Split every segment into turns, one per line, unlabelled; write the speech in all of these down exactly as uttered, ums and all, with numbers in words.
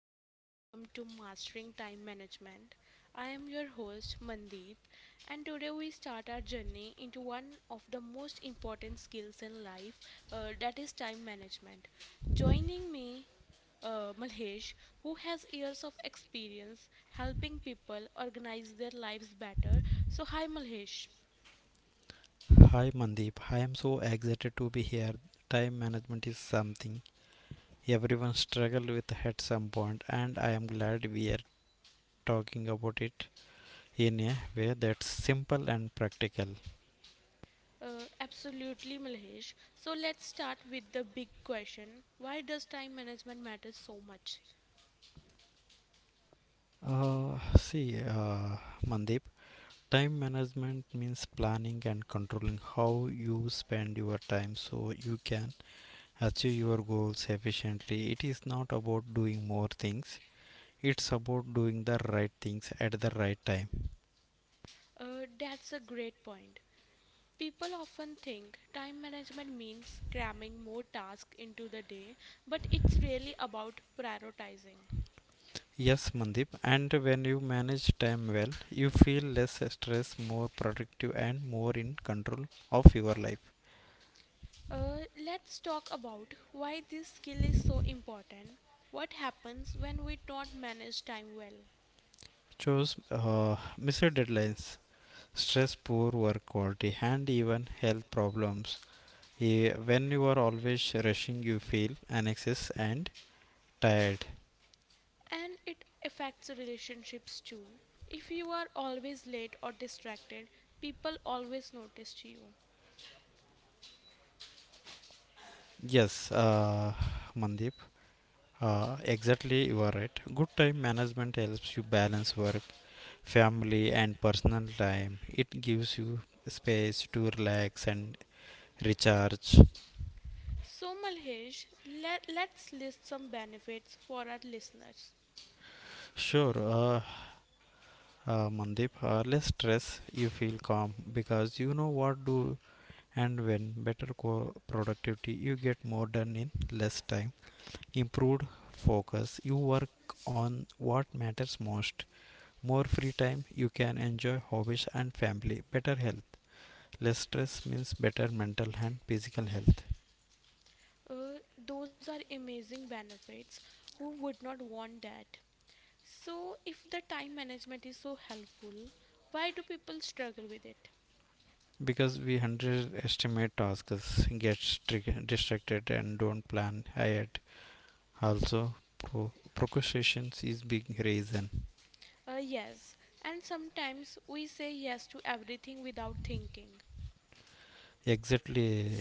Hello and welcome to Mastering Time Management. I am your host Mandeep, and today we start our journey into one of the most important skills in life, uh, that is time management. Joining me, uh, Malhesh, who has years of experience helping people organize their lives better. So, hi Malhesh.
Hi Mandeep, I am so excited to be here. Time management is something everyone struggles with at some point, and I am glad we are talking about it in a way that's simple and practical.
Uh, absolutely, Malhesh. So, let's start with the big question, why does time management matter so much?
Uh, see, uh, Mandeep, time management means planning and controlling how you spend your time so you can achieve your goals efficiently. It is not about doing more things, it's about doing the right things at the right time.
Uh, that's a great point. People often think time management means cramming more tasks into the day, but it's really about prioritizing.
Yes, Mandip, and when you manage time well, you feel less stress, more productive, and more in control of your life.
Uh, let's talk about why this skill is so important, what happens when we don't manage time well,
Choose uh, missed deadlines, stress, poor work quality, and even health problems. Eh, When you are always rushing, you feel anxious and tired.
and it affects relationships too. If you are always late or distracted, people always notice you.
Yes, uh, Mandip. Uh, exactly, you are right. Good time management helps you balance work, family, and personal time. It gives you space to relax and recharge.
So, Malhesh, let, let's list some benefits for our listeners.
Sure, uh, uh, Mandeep, uh, less stress, you feel calm because you know what do and when. Better co- productivity, you get more done in less time. Improved focus, you work on what matters most. More free time, you can enjoy hobbies and family. Better health, less stress means better mental and physical health
Uh, those are amazing benefits. Who would not want that? So, if the time management is so helpful, why do people struggle with it?
because we underestimate tasks, get distracted and don't plan ahead. Also pro- procrastination is big reason.
Uh, yes, and sometimes we say yes to everything without thinking.
Exactly,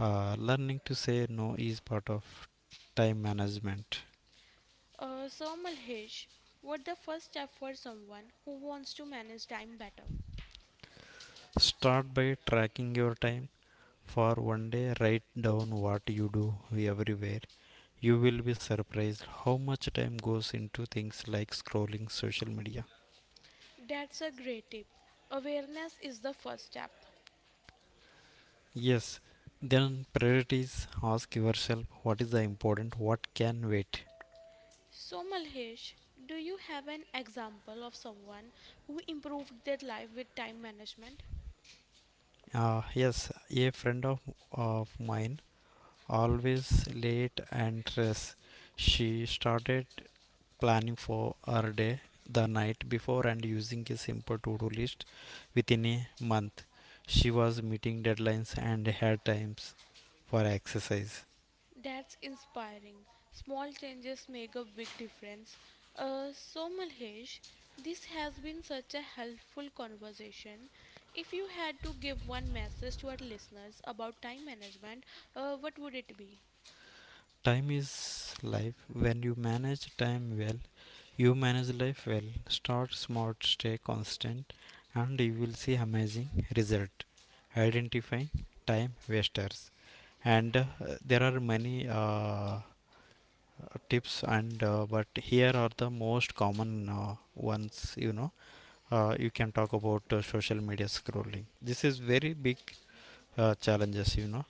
uh, learning to say no is part of time management.
Uh, so, Malhesh, what the first step for someone who wants to manage time better?
Start by tracking your time for one day, write down what you do everywhere. You will be surprised how much time goes into things like scrolling social media.
That's a great tip. Awareness is the first step.
Yes, then priorities. Ask yourself what is the important, what can wait.
So, Malhesh, do you have an example of someone who improved their life with time management?
Uh, yes, a friend of, of mine always late and stressed. She started planning for her day the night before and using a simple to-do list. Within a month, she was meeting deadlines and had times for exercise.
That's inspiring. Small changes make a big difference. Uh, so, Malhesh, this has been such a helpful conversation. If you had to give one message to our listeners about time management, uh, what would it be?
Time is life. When you manage time well, you manage life well. Start smart, stay constant, and you will see amazing result. Identifying time wasters, and uh, there are many uh, tips, and uh, but here are the most common uh, ones. You know, uh, you can talk about uh, social media scrolling. This is very big uh, challenges, you know,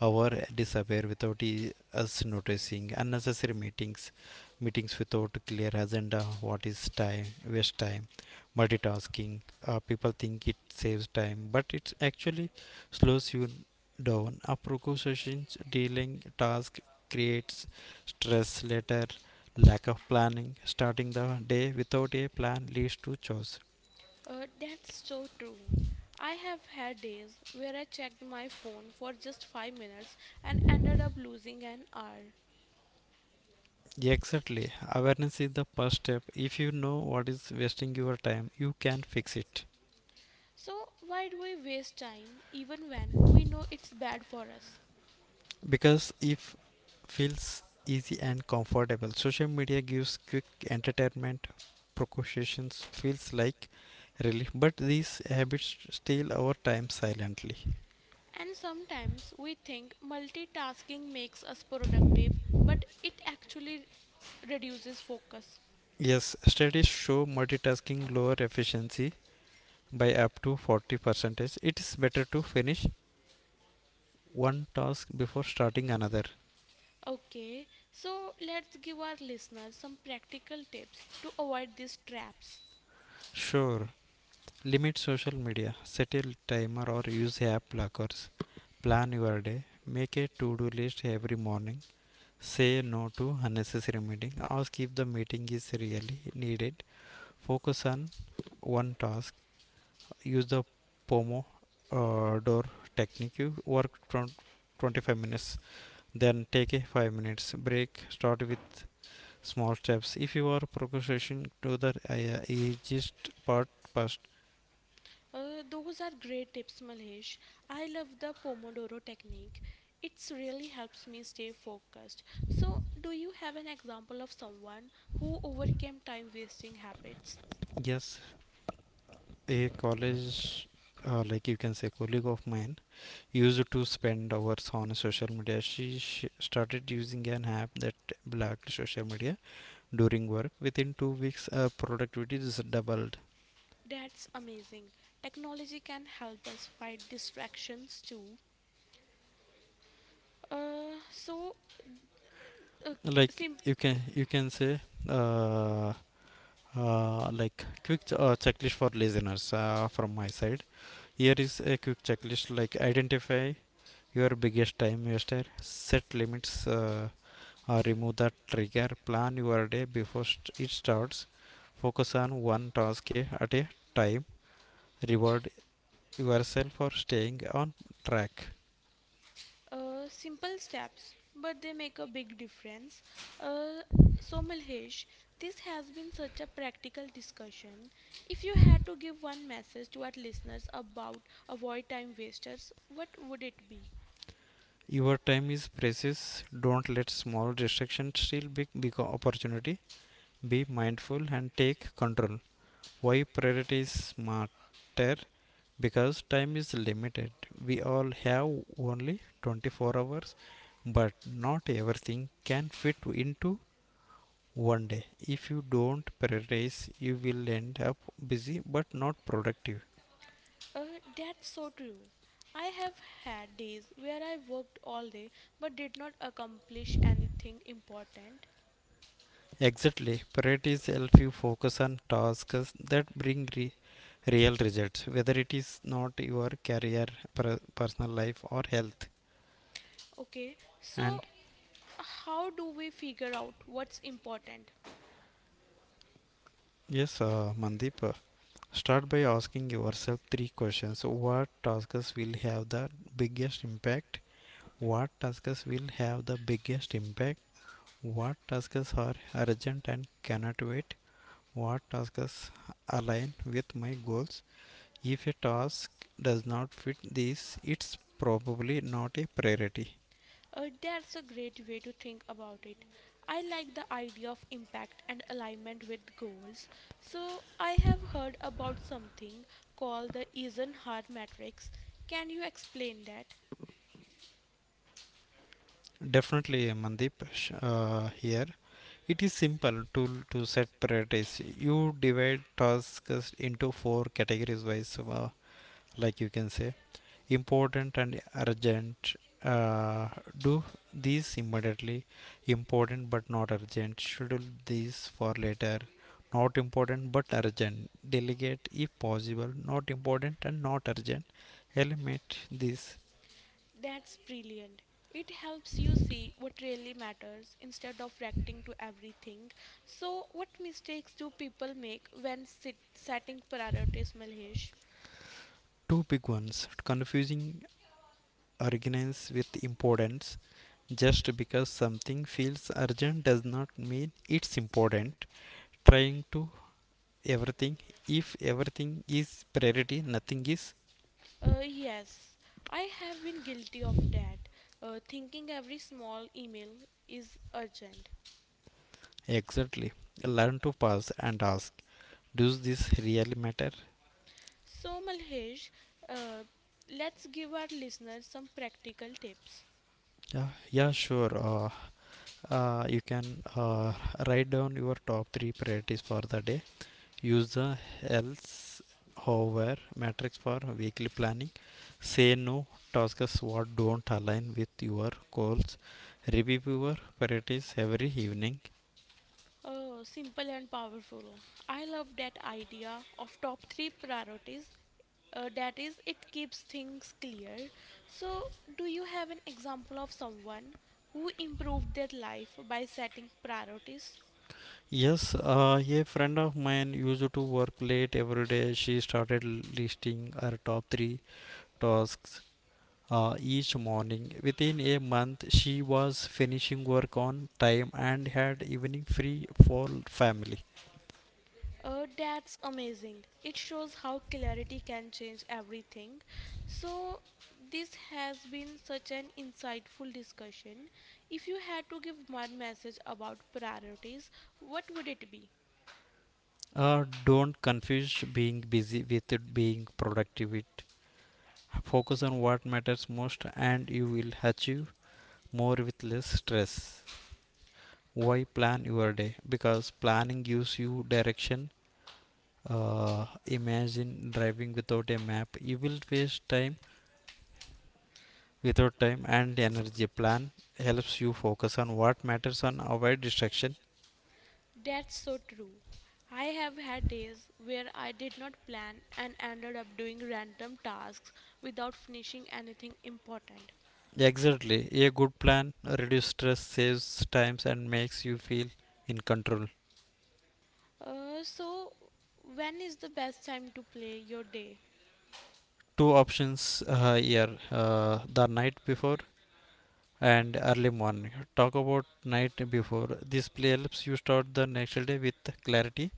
our disappear without e- us noticing. Unnecessary meetings, meetings without clear agenda, what is time waste time. Multitasking, uh, people think it saves time but it actually slows you down. A procrastinations dealing task creates stress later. Lack of planning, starting the day without a plan leads to chaos.
Uh, that's so true. I have had days where I checked my phone for just five minutes and ended up losing an hour.
Yeah, exactly. Awareness is the first step. If you know what is wasting your time, you can fix it.
So, why do we waste time even when we know it's bad for us?
Because if feels easy and comfortable, social media gives quick entertainment. Precautions feels like relief, but these habits steal our time silently.
And sometimes we think multitasking makes us productive, but it actually reduces focus.
Yes, studies show multitasking lower efficiency by up to forty. It It is better to finish one task before starting another.
Okay, so let's give our listeners some practical tips to avoid these traps.
Sure, limit social media, set a timer or use app blockers. Plan your day, make a to do list every morning, say no to unnecessary meeting, ask if the meeting is really needed, focus on one task, use the Pomodoro technique, you work from twenty-five minutes, then take a five minutes break, start with small steps. If you are procrastinating, do the uh, easiest part first.
Uh, those are great tips, Malhesh. I love the Pomodoro technique. It's really helps me stay focused. So, do you have an example of someone who overcame time wasting habits?
Yes, a college uh, like you can say colleague of mine used to spend hours on social media. She, she started using an app that blocked social media during work. Within two weeks her productivity is doubled.
That's amazing. Technology can help us fight distractions too. Uh, so, uh,
Like
simple
you can you can say, uh, uh, like quick ch- uh, checklist for listeners uh, from my side, here is a quick checklist: like identify your biggest time waster, set limits uh, or remove that trigger, plan your day before it starts, focus on one task at a time, reward yourself for staying on track.
Uh, simple steps, but they make a big difference. Uh, so, Milhesh, this has been such a practical discussion. If you had to give one message to our listeners about avoid time wasters, what would it be?
Your time is precious, don't let small distractions steal big big opportunity. Be mindful and take control. Why priority is smarter? Because time is limited, we all have only twenty-four hours, but not everything can fit into one day. If you don't prioritize, you will end up busy but not productive.
Uh, that's so true. I have had days where I worked all day but did not accomplish anything important.
Exactly, priorities help you focus on tasks that bring re- real results, whether it is not your career, per- personal life, or health.
Okay, so
And
how do we figure out what's important?
yes, uh, Mandeep, uh, start by asking yourself three questions. What tasks will have the biggest impact? What tasks will have the biggest impact? What tasks are urgent and cannot wait? What tasks align with my goals? If a task does not fit these, it's probably not a priority.
Uh, that's a great way to think about it. I like the idea of impact and alignment with goals. So, I have heard about something called the Eisenhower matrix. Can you explain that?
Definitely, Mandip, uh, here. It is simple to, to set priorities. You divide tasks into four categories wise, uh, like you can say important and urgent, uh, do these immediately. Important but not urgent, schedule these for later. Not important but urgent, delegate if possible. Not important and not urgent, eliminate these.
That's brilliant. It helps you see what really matters instead of reacting to everything. So, what mistakes do people make when sit- setting priorities, Malhesh?
Two big ones: confusing urgency with importance, just because something feels urgent does not mean it's important. Trying to everything, if everything is priority nothing is.
Uh, yes, I have been guilty of that, uh, thinking every small email is urgent.
Exactly. Learn to pause and ask, does this really matter?
So, Malhesh, uh, let's give our listeners some practical tips.
Yeah, yeah, sure. Uh, uh, you can uh, write down your top three priorities for the day. Use the else, however, matrix for weekly planning. Say no tasks what don't align with your goals. Review your priorities every evening.
Oh, simple and powerful. I love that idea of top three priorities. Uh, that is, it keeps things clear. So, do you have an example of someone who improved their life by setting priorities?
Yes, uh, a friend of mine used to work late every day. She started listing her top three tasks uh, each morning. Within a month, she was finishing work on time and had evening free for family.
Uh, that's amazing. It shows how clarity can change everything. So, this has been such an insightful discussion. If you had to give one message about priorities, what would it be?
Uh, don't confuse being busy with being productive. It- focus on what matters most, and you will achieve more with less stress. Why plan your day? Because planning gives you direction. Uh, imagine driving without a map. You will waste time without time and energy. Plan helps you focus on what matters and avoid distraction.
That's so true. I have had days where I did not plan and ended up doing random tasks without finishing anything important.
Exactly, a good plan reduces stress, saves times and makes you feel in control.
Uh, so, when is the best time to play your day?
Two options uh, here, uh, the night before and early morning. Talk about night before, this play helps you start the next day with clarity.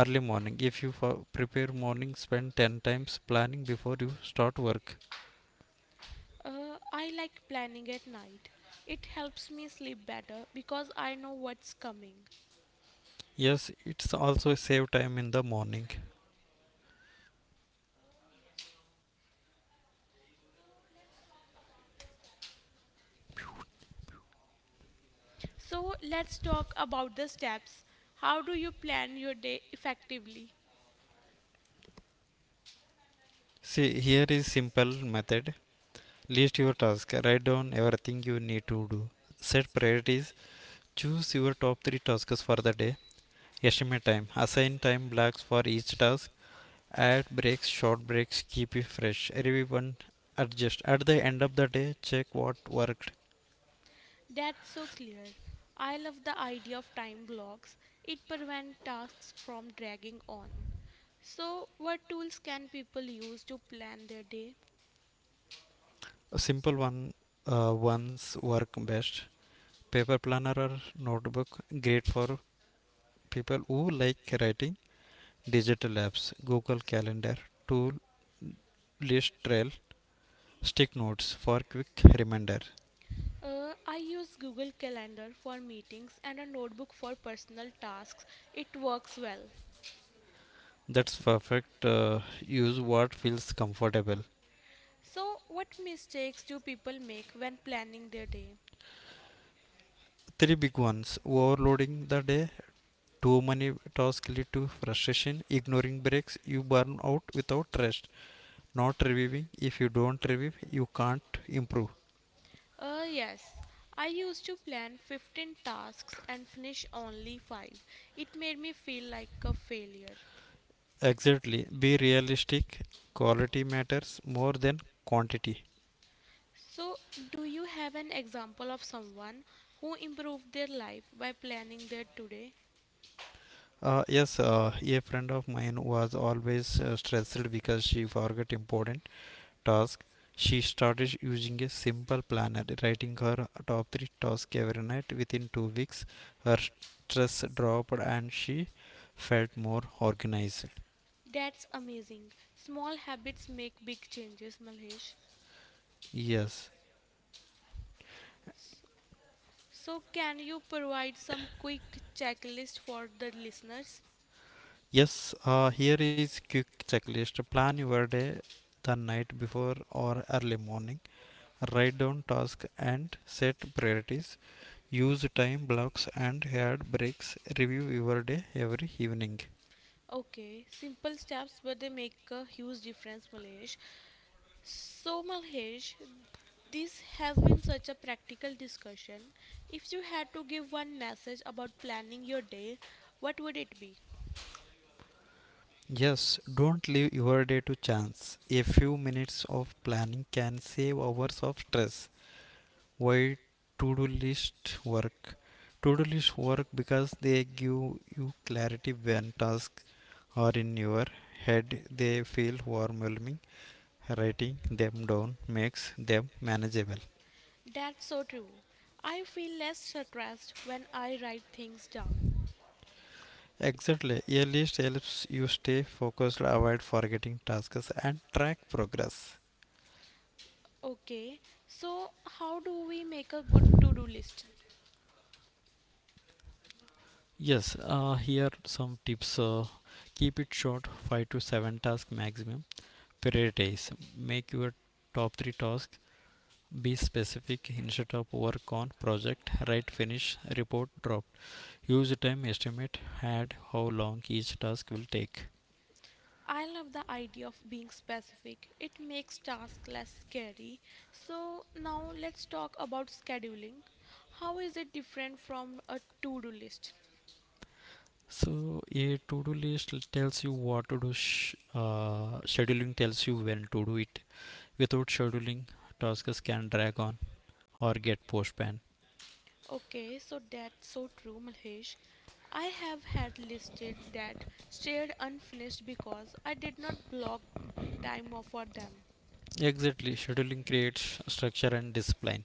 Early morning, if you prepare morning, spend ten times planning before you start work.
Uh, I like planning at night. It helps me sleep better because I know what's coming.
Yes, it's also save time in the morning.
So let's talk about the steps. How do you plan your day effectively?
See, here is simple method. List your task. Write down everything you need to do. Set priorities. Choose your top three tasks for the day. Estimate time. Assign time blocks for each task. Add breaks, short breaks. Keep it fresh. Review and adjust. At the end of the day, check what worked.
That's so clear. I love the idea of time blocks. It prevents tasks from dragging on. So, what tools can people use to plan their day?
A simple one uh, ones work best. Paper planner or notebook. Great for people who like writing. Digital apps. Google Calendar. Tool list trail. Stick notes for quick reminder.
Uh, I use Google Calendar for meetings and a notebook for personal tasks. It works well.
That's perfect. Uh, use what feels comfortable.
So, what mistakes do people make when planning their day?
Three big ones: overloading the day, too many tasks lead to frustration; ignoring breaks, you burn out without rest; not reviewing. If you don't review, you can't improve.
Uh, yes. I used to plan fifteen tasks and finish only five. It made me feel like a failure.
Exactly. Be realistic. Quality matters more than quantity.
So, do you have an example of someone who improved their life by planning their today?
Uh, yes, uh, a friend of mine was always uh, stressed because she forgot important task. She started using a simple planner, writing her top three tasks every night. Within two weeks, her stress dropped and she felt more organized.
That's amazing. Small habits make big changes, Malhesh.
Yes.
So, so can you provide some quick checklist for the listeners?
Yes, uh, here is quick checklist. Plan your day the night before or early morning. Write down tasks and set priorities. Use time blocks and add breaks. Review your day every evening.
Okay, simple steps, but they make a huge difference, Malesh. So, Malesh, this has been such a practical discussion. If you had to give one message about planning your day, what would it be?
Yes, don't leave your day to chance. A few minutes of planning can save hours of stress. Why to do list work? To do list work because they give you clarity. When tasks are in your head, they feel overwhelming. Writing them down makes them manageable.
That's so true. I feel less stressed when I write things down.
Exactly, a list helps you stay focused, avoid forgetting tasks, and track progress.
Okay, so how do we make a good to do list?
Yes, uh, here some tips. Uh, keep it short, five to seven tasks maximum. Prioritize. Make your top three tasks. Be specific, instead of work on project, write, finish, report, drop. Use a time estimate, add how long each task will take.
I love the idea of being specific. It makes tasks less scary. So now let's talk about scheduling. How is it different from a to-do list?
So a to-do list l- tells you what to do. Sh- uh, scheduling tells you when to do it. Without scheduling, tasks can drag on or get postponed.
Okay, so that's so true, Mahesh. I have had listed that stayed unfinished because I did not block time off for them.
Exactly, scheduling creates structure and discipline.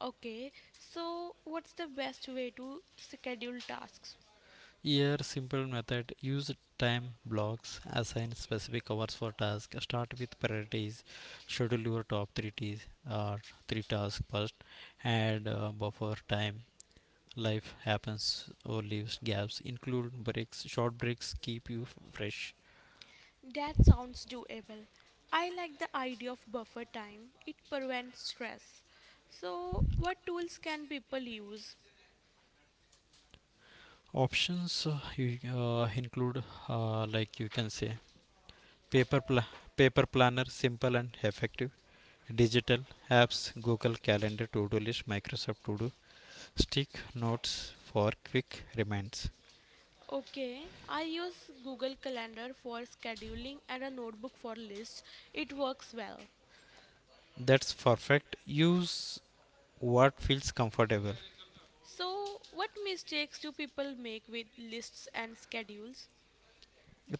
Okay, so what's the best way to schedule tasks?
Here, simple method: use time blocks, assign specific hours for tasks, start with priorities, schedule your top three ts or three tasks first. Add uh, buffer time. Life happens or leaves gaps. Include breaks, short breaks keep you f- fresh.
That sounds doable. I like the idea of buffer time. It prevents stress. So, what tools can people use?
Options uh, you, uh, include uh, like you can say paper pla- paper planner, simple and effective. Digital apps: Google Calendar, to do list, Microsoft to do. Stick notes for quick reminds.
Okay, I use Google Calendar for scheduling and a notebook for lists. It works well.
That's perfect, use what feels comfortable.
So, what mistakes do people make with lists and schedules?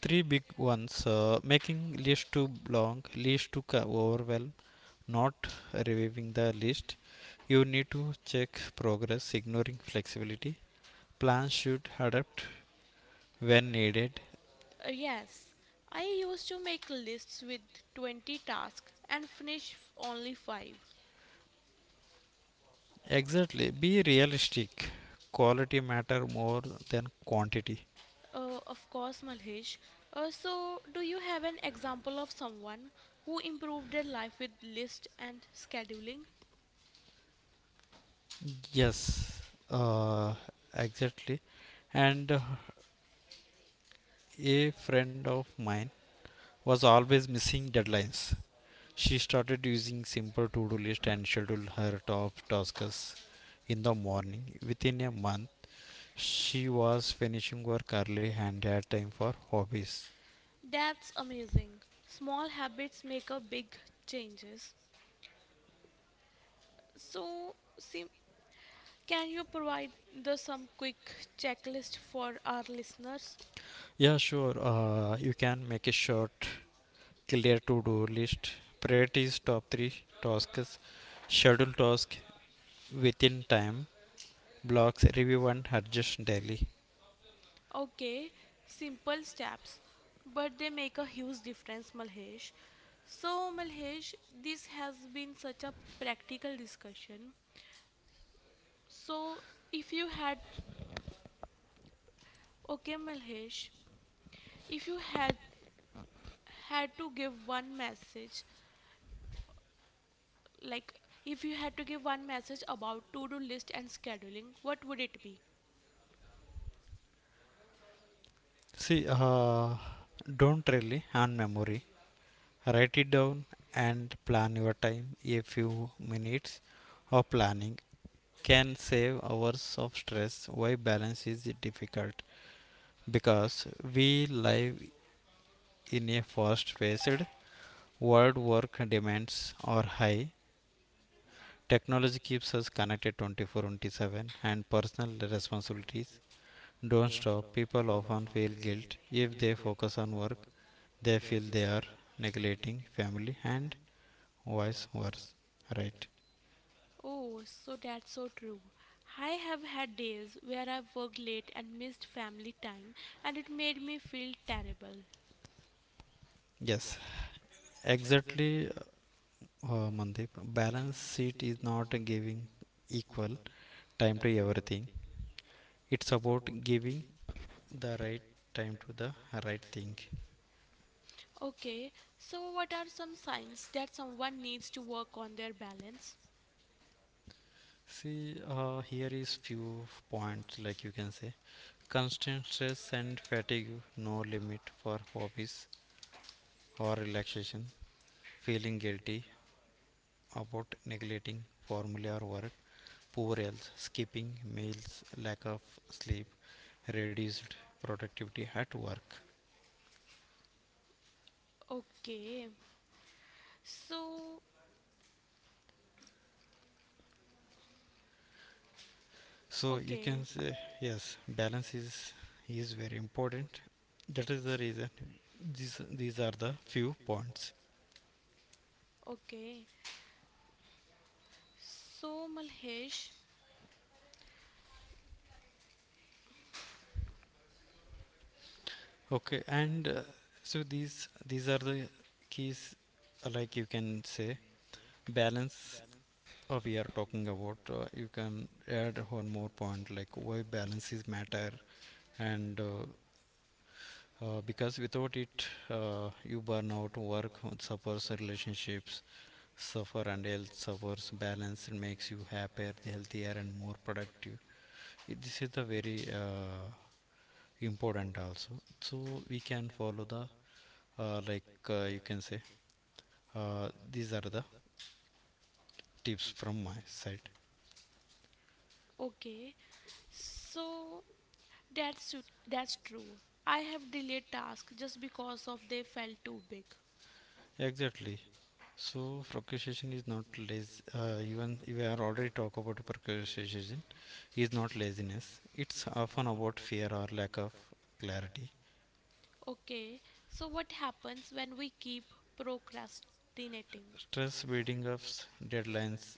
Three big ones: uh, making list too long, list too co- overwhelm; not reviewing the list, you need to check progress; ignoring flexibility, plans should adapt when needed.
Uh, yes, I used to make lists with twenty tasks and finish f- only five.
Exactly, be realistic. Quality matter more than quantity.
Uh, of course, Malhesh. Uh, so, do you have an example of someone who improved their life with list and scheduling?
Yes, uh, exactly. And uh, a friend of mine was always missing deadlines. She started using simple to-do list and scheduled her top tasks in the morning. Within a month, she was finishing work early and had time for hobbies.
That's amazing. Small habits make a big changes. So, sim- can you provide the some quick checklist for our listeners?
Yeah, sure. Uh, you can make a short, clear to-do list. Priorities top three tasks, schedule task within time blocks, review, and adjust daily.
Okay, simple steps, but they make a huge difference, Malhesh. So, Malhesh, this has been such a practical discussion. So, if you had, okay, Malhesh, if you had had to give one message, like if you had to give one message about to-do list and scheduling, what would it be?
See, uh, don't really on memory. Write it down and plan your time. A few minutes of planning can save hours of stress. Why balance is difficult? Because we live in a fast paced world, work demands are high. Technology keeps us connected twenty-four into seven, and personal responsibilities don't stop. People often feel guilt if they focus on work. They feel they are neglecting family and vice versa. Right?
Oh, so that's so true. I have had days where I worked late and missed family time, and it made me feel terrible.
Yes, exactly, uh, Mandip. Balance sheet is not giving equal time to everything. It's about giving the right time to the right thing.
Okay, so what are some signs that someone needs to work on their balance?
See, uh, here is few points, like you can say constant stress and fatigue, no limit for hobbies or relaxation, feeling guilty about neglecting formula or work, poor health, skipping meals, lack of sleep, reduced productivity at work.
Okay, so So
So you
Okay.
can say yes, balance is is very important. That is the reason. These these are the few points.
Okay. So Malhesh,
Okay, and uh, so these these are the keys, uh, like you can say balance, uh, we are talking about. uh, you can add one more point like why balances matter, and uh, uh, because without it uh, you burn out, work suffers, relationships suffer and health suffers. Balance makes you happier, healthier and more productive. This is the very uh, important also, so we can follow the uh, like uh, you can say, uh, these are the tips from my side.
okay. So that's su- that's true. I have delayed tasks just because of they felt too big.
Exactly. So procrastination is not lazy. Uh, even we are already talk about procrastination is not laziness. It's often about fear or lack of clarity.
Okay. So what happens when we keep procrastinating?
Stress building up, deadlines,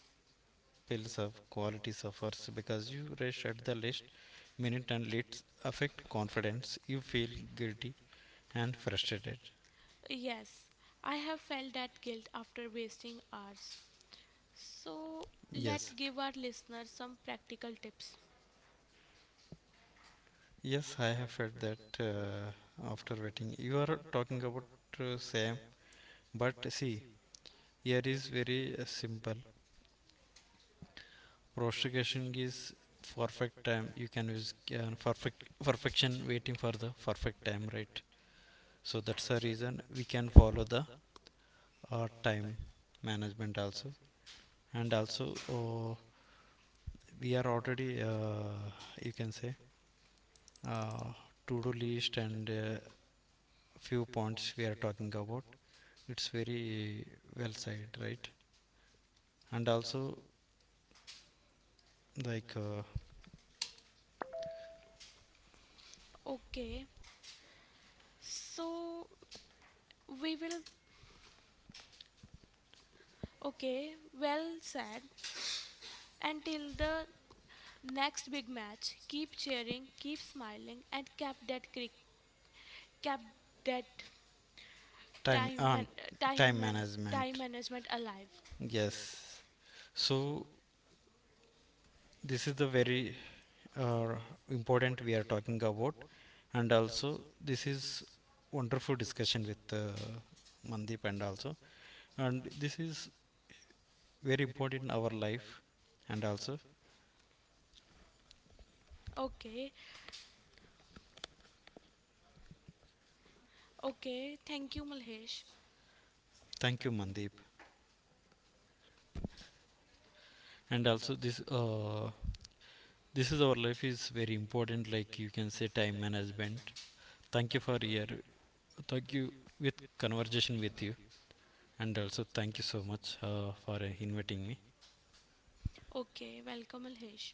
pills up, quality suffers because you rush at the last minute and leads affect confidence. You feel guilty and frustrated.
Yes, I have felt that guilt after wasting hours. So let's
Yes,
give our listeners some practical tips.
yes, I have felt that uh, after waiting. You are talking about uh, same, but see, here is very uh, simple. Prostration is perfect time. You can use uh, perfect perfection waiting for the perfect time, right? So that's the reason we can follow the uh, time management also, and also uh, we are already uh, you can say uh, to-do list and uh, few points we are talking about. It's very well said, right? And also like uh,
Okay, so we will Okay, well said. Until the next big match, keep cheering, keep smiling, and cap that crick, cap that
time
time
and
and
uh, time
time and time
management.
management alive.
Yes. So this is the very uh, important we are talking about, and also this is wonderful discussion with uh, Mandeep, and also, and this is very important in our life, and also
Okay, okay. Thank you, Malhesh.
thank you Mandeep, and also this uh, this is our life is very important. Like you can say time management. Thank you for your thank you with conversation with you, and also thank you so much uh, for uh, inviting me.
Okay, welcome, Malhesh.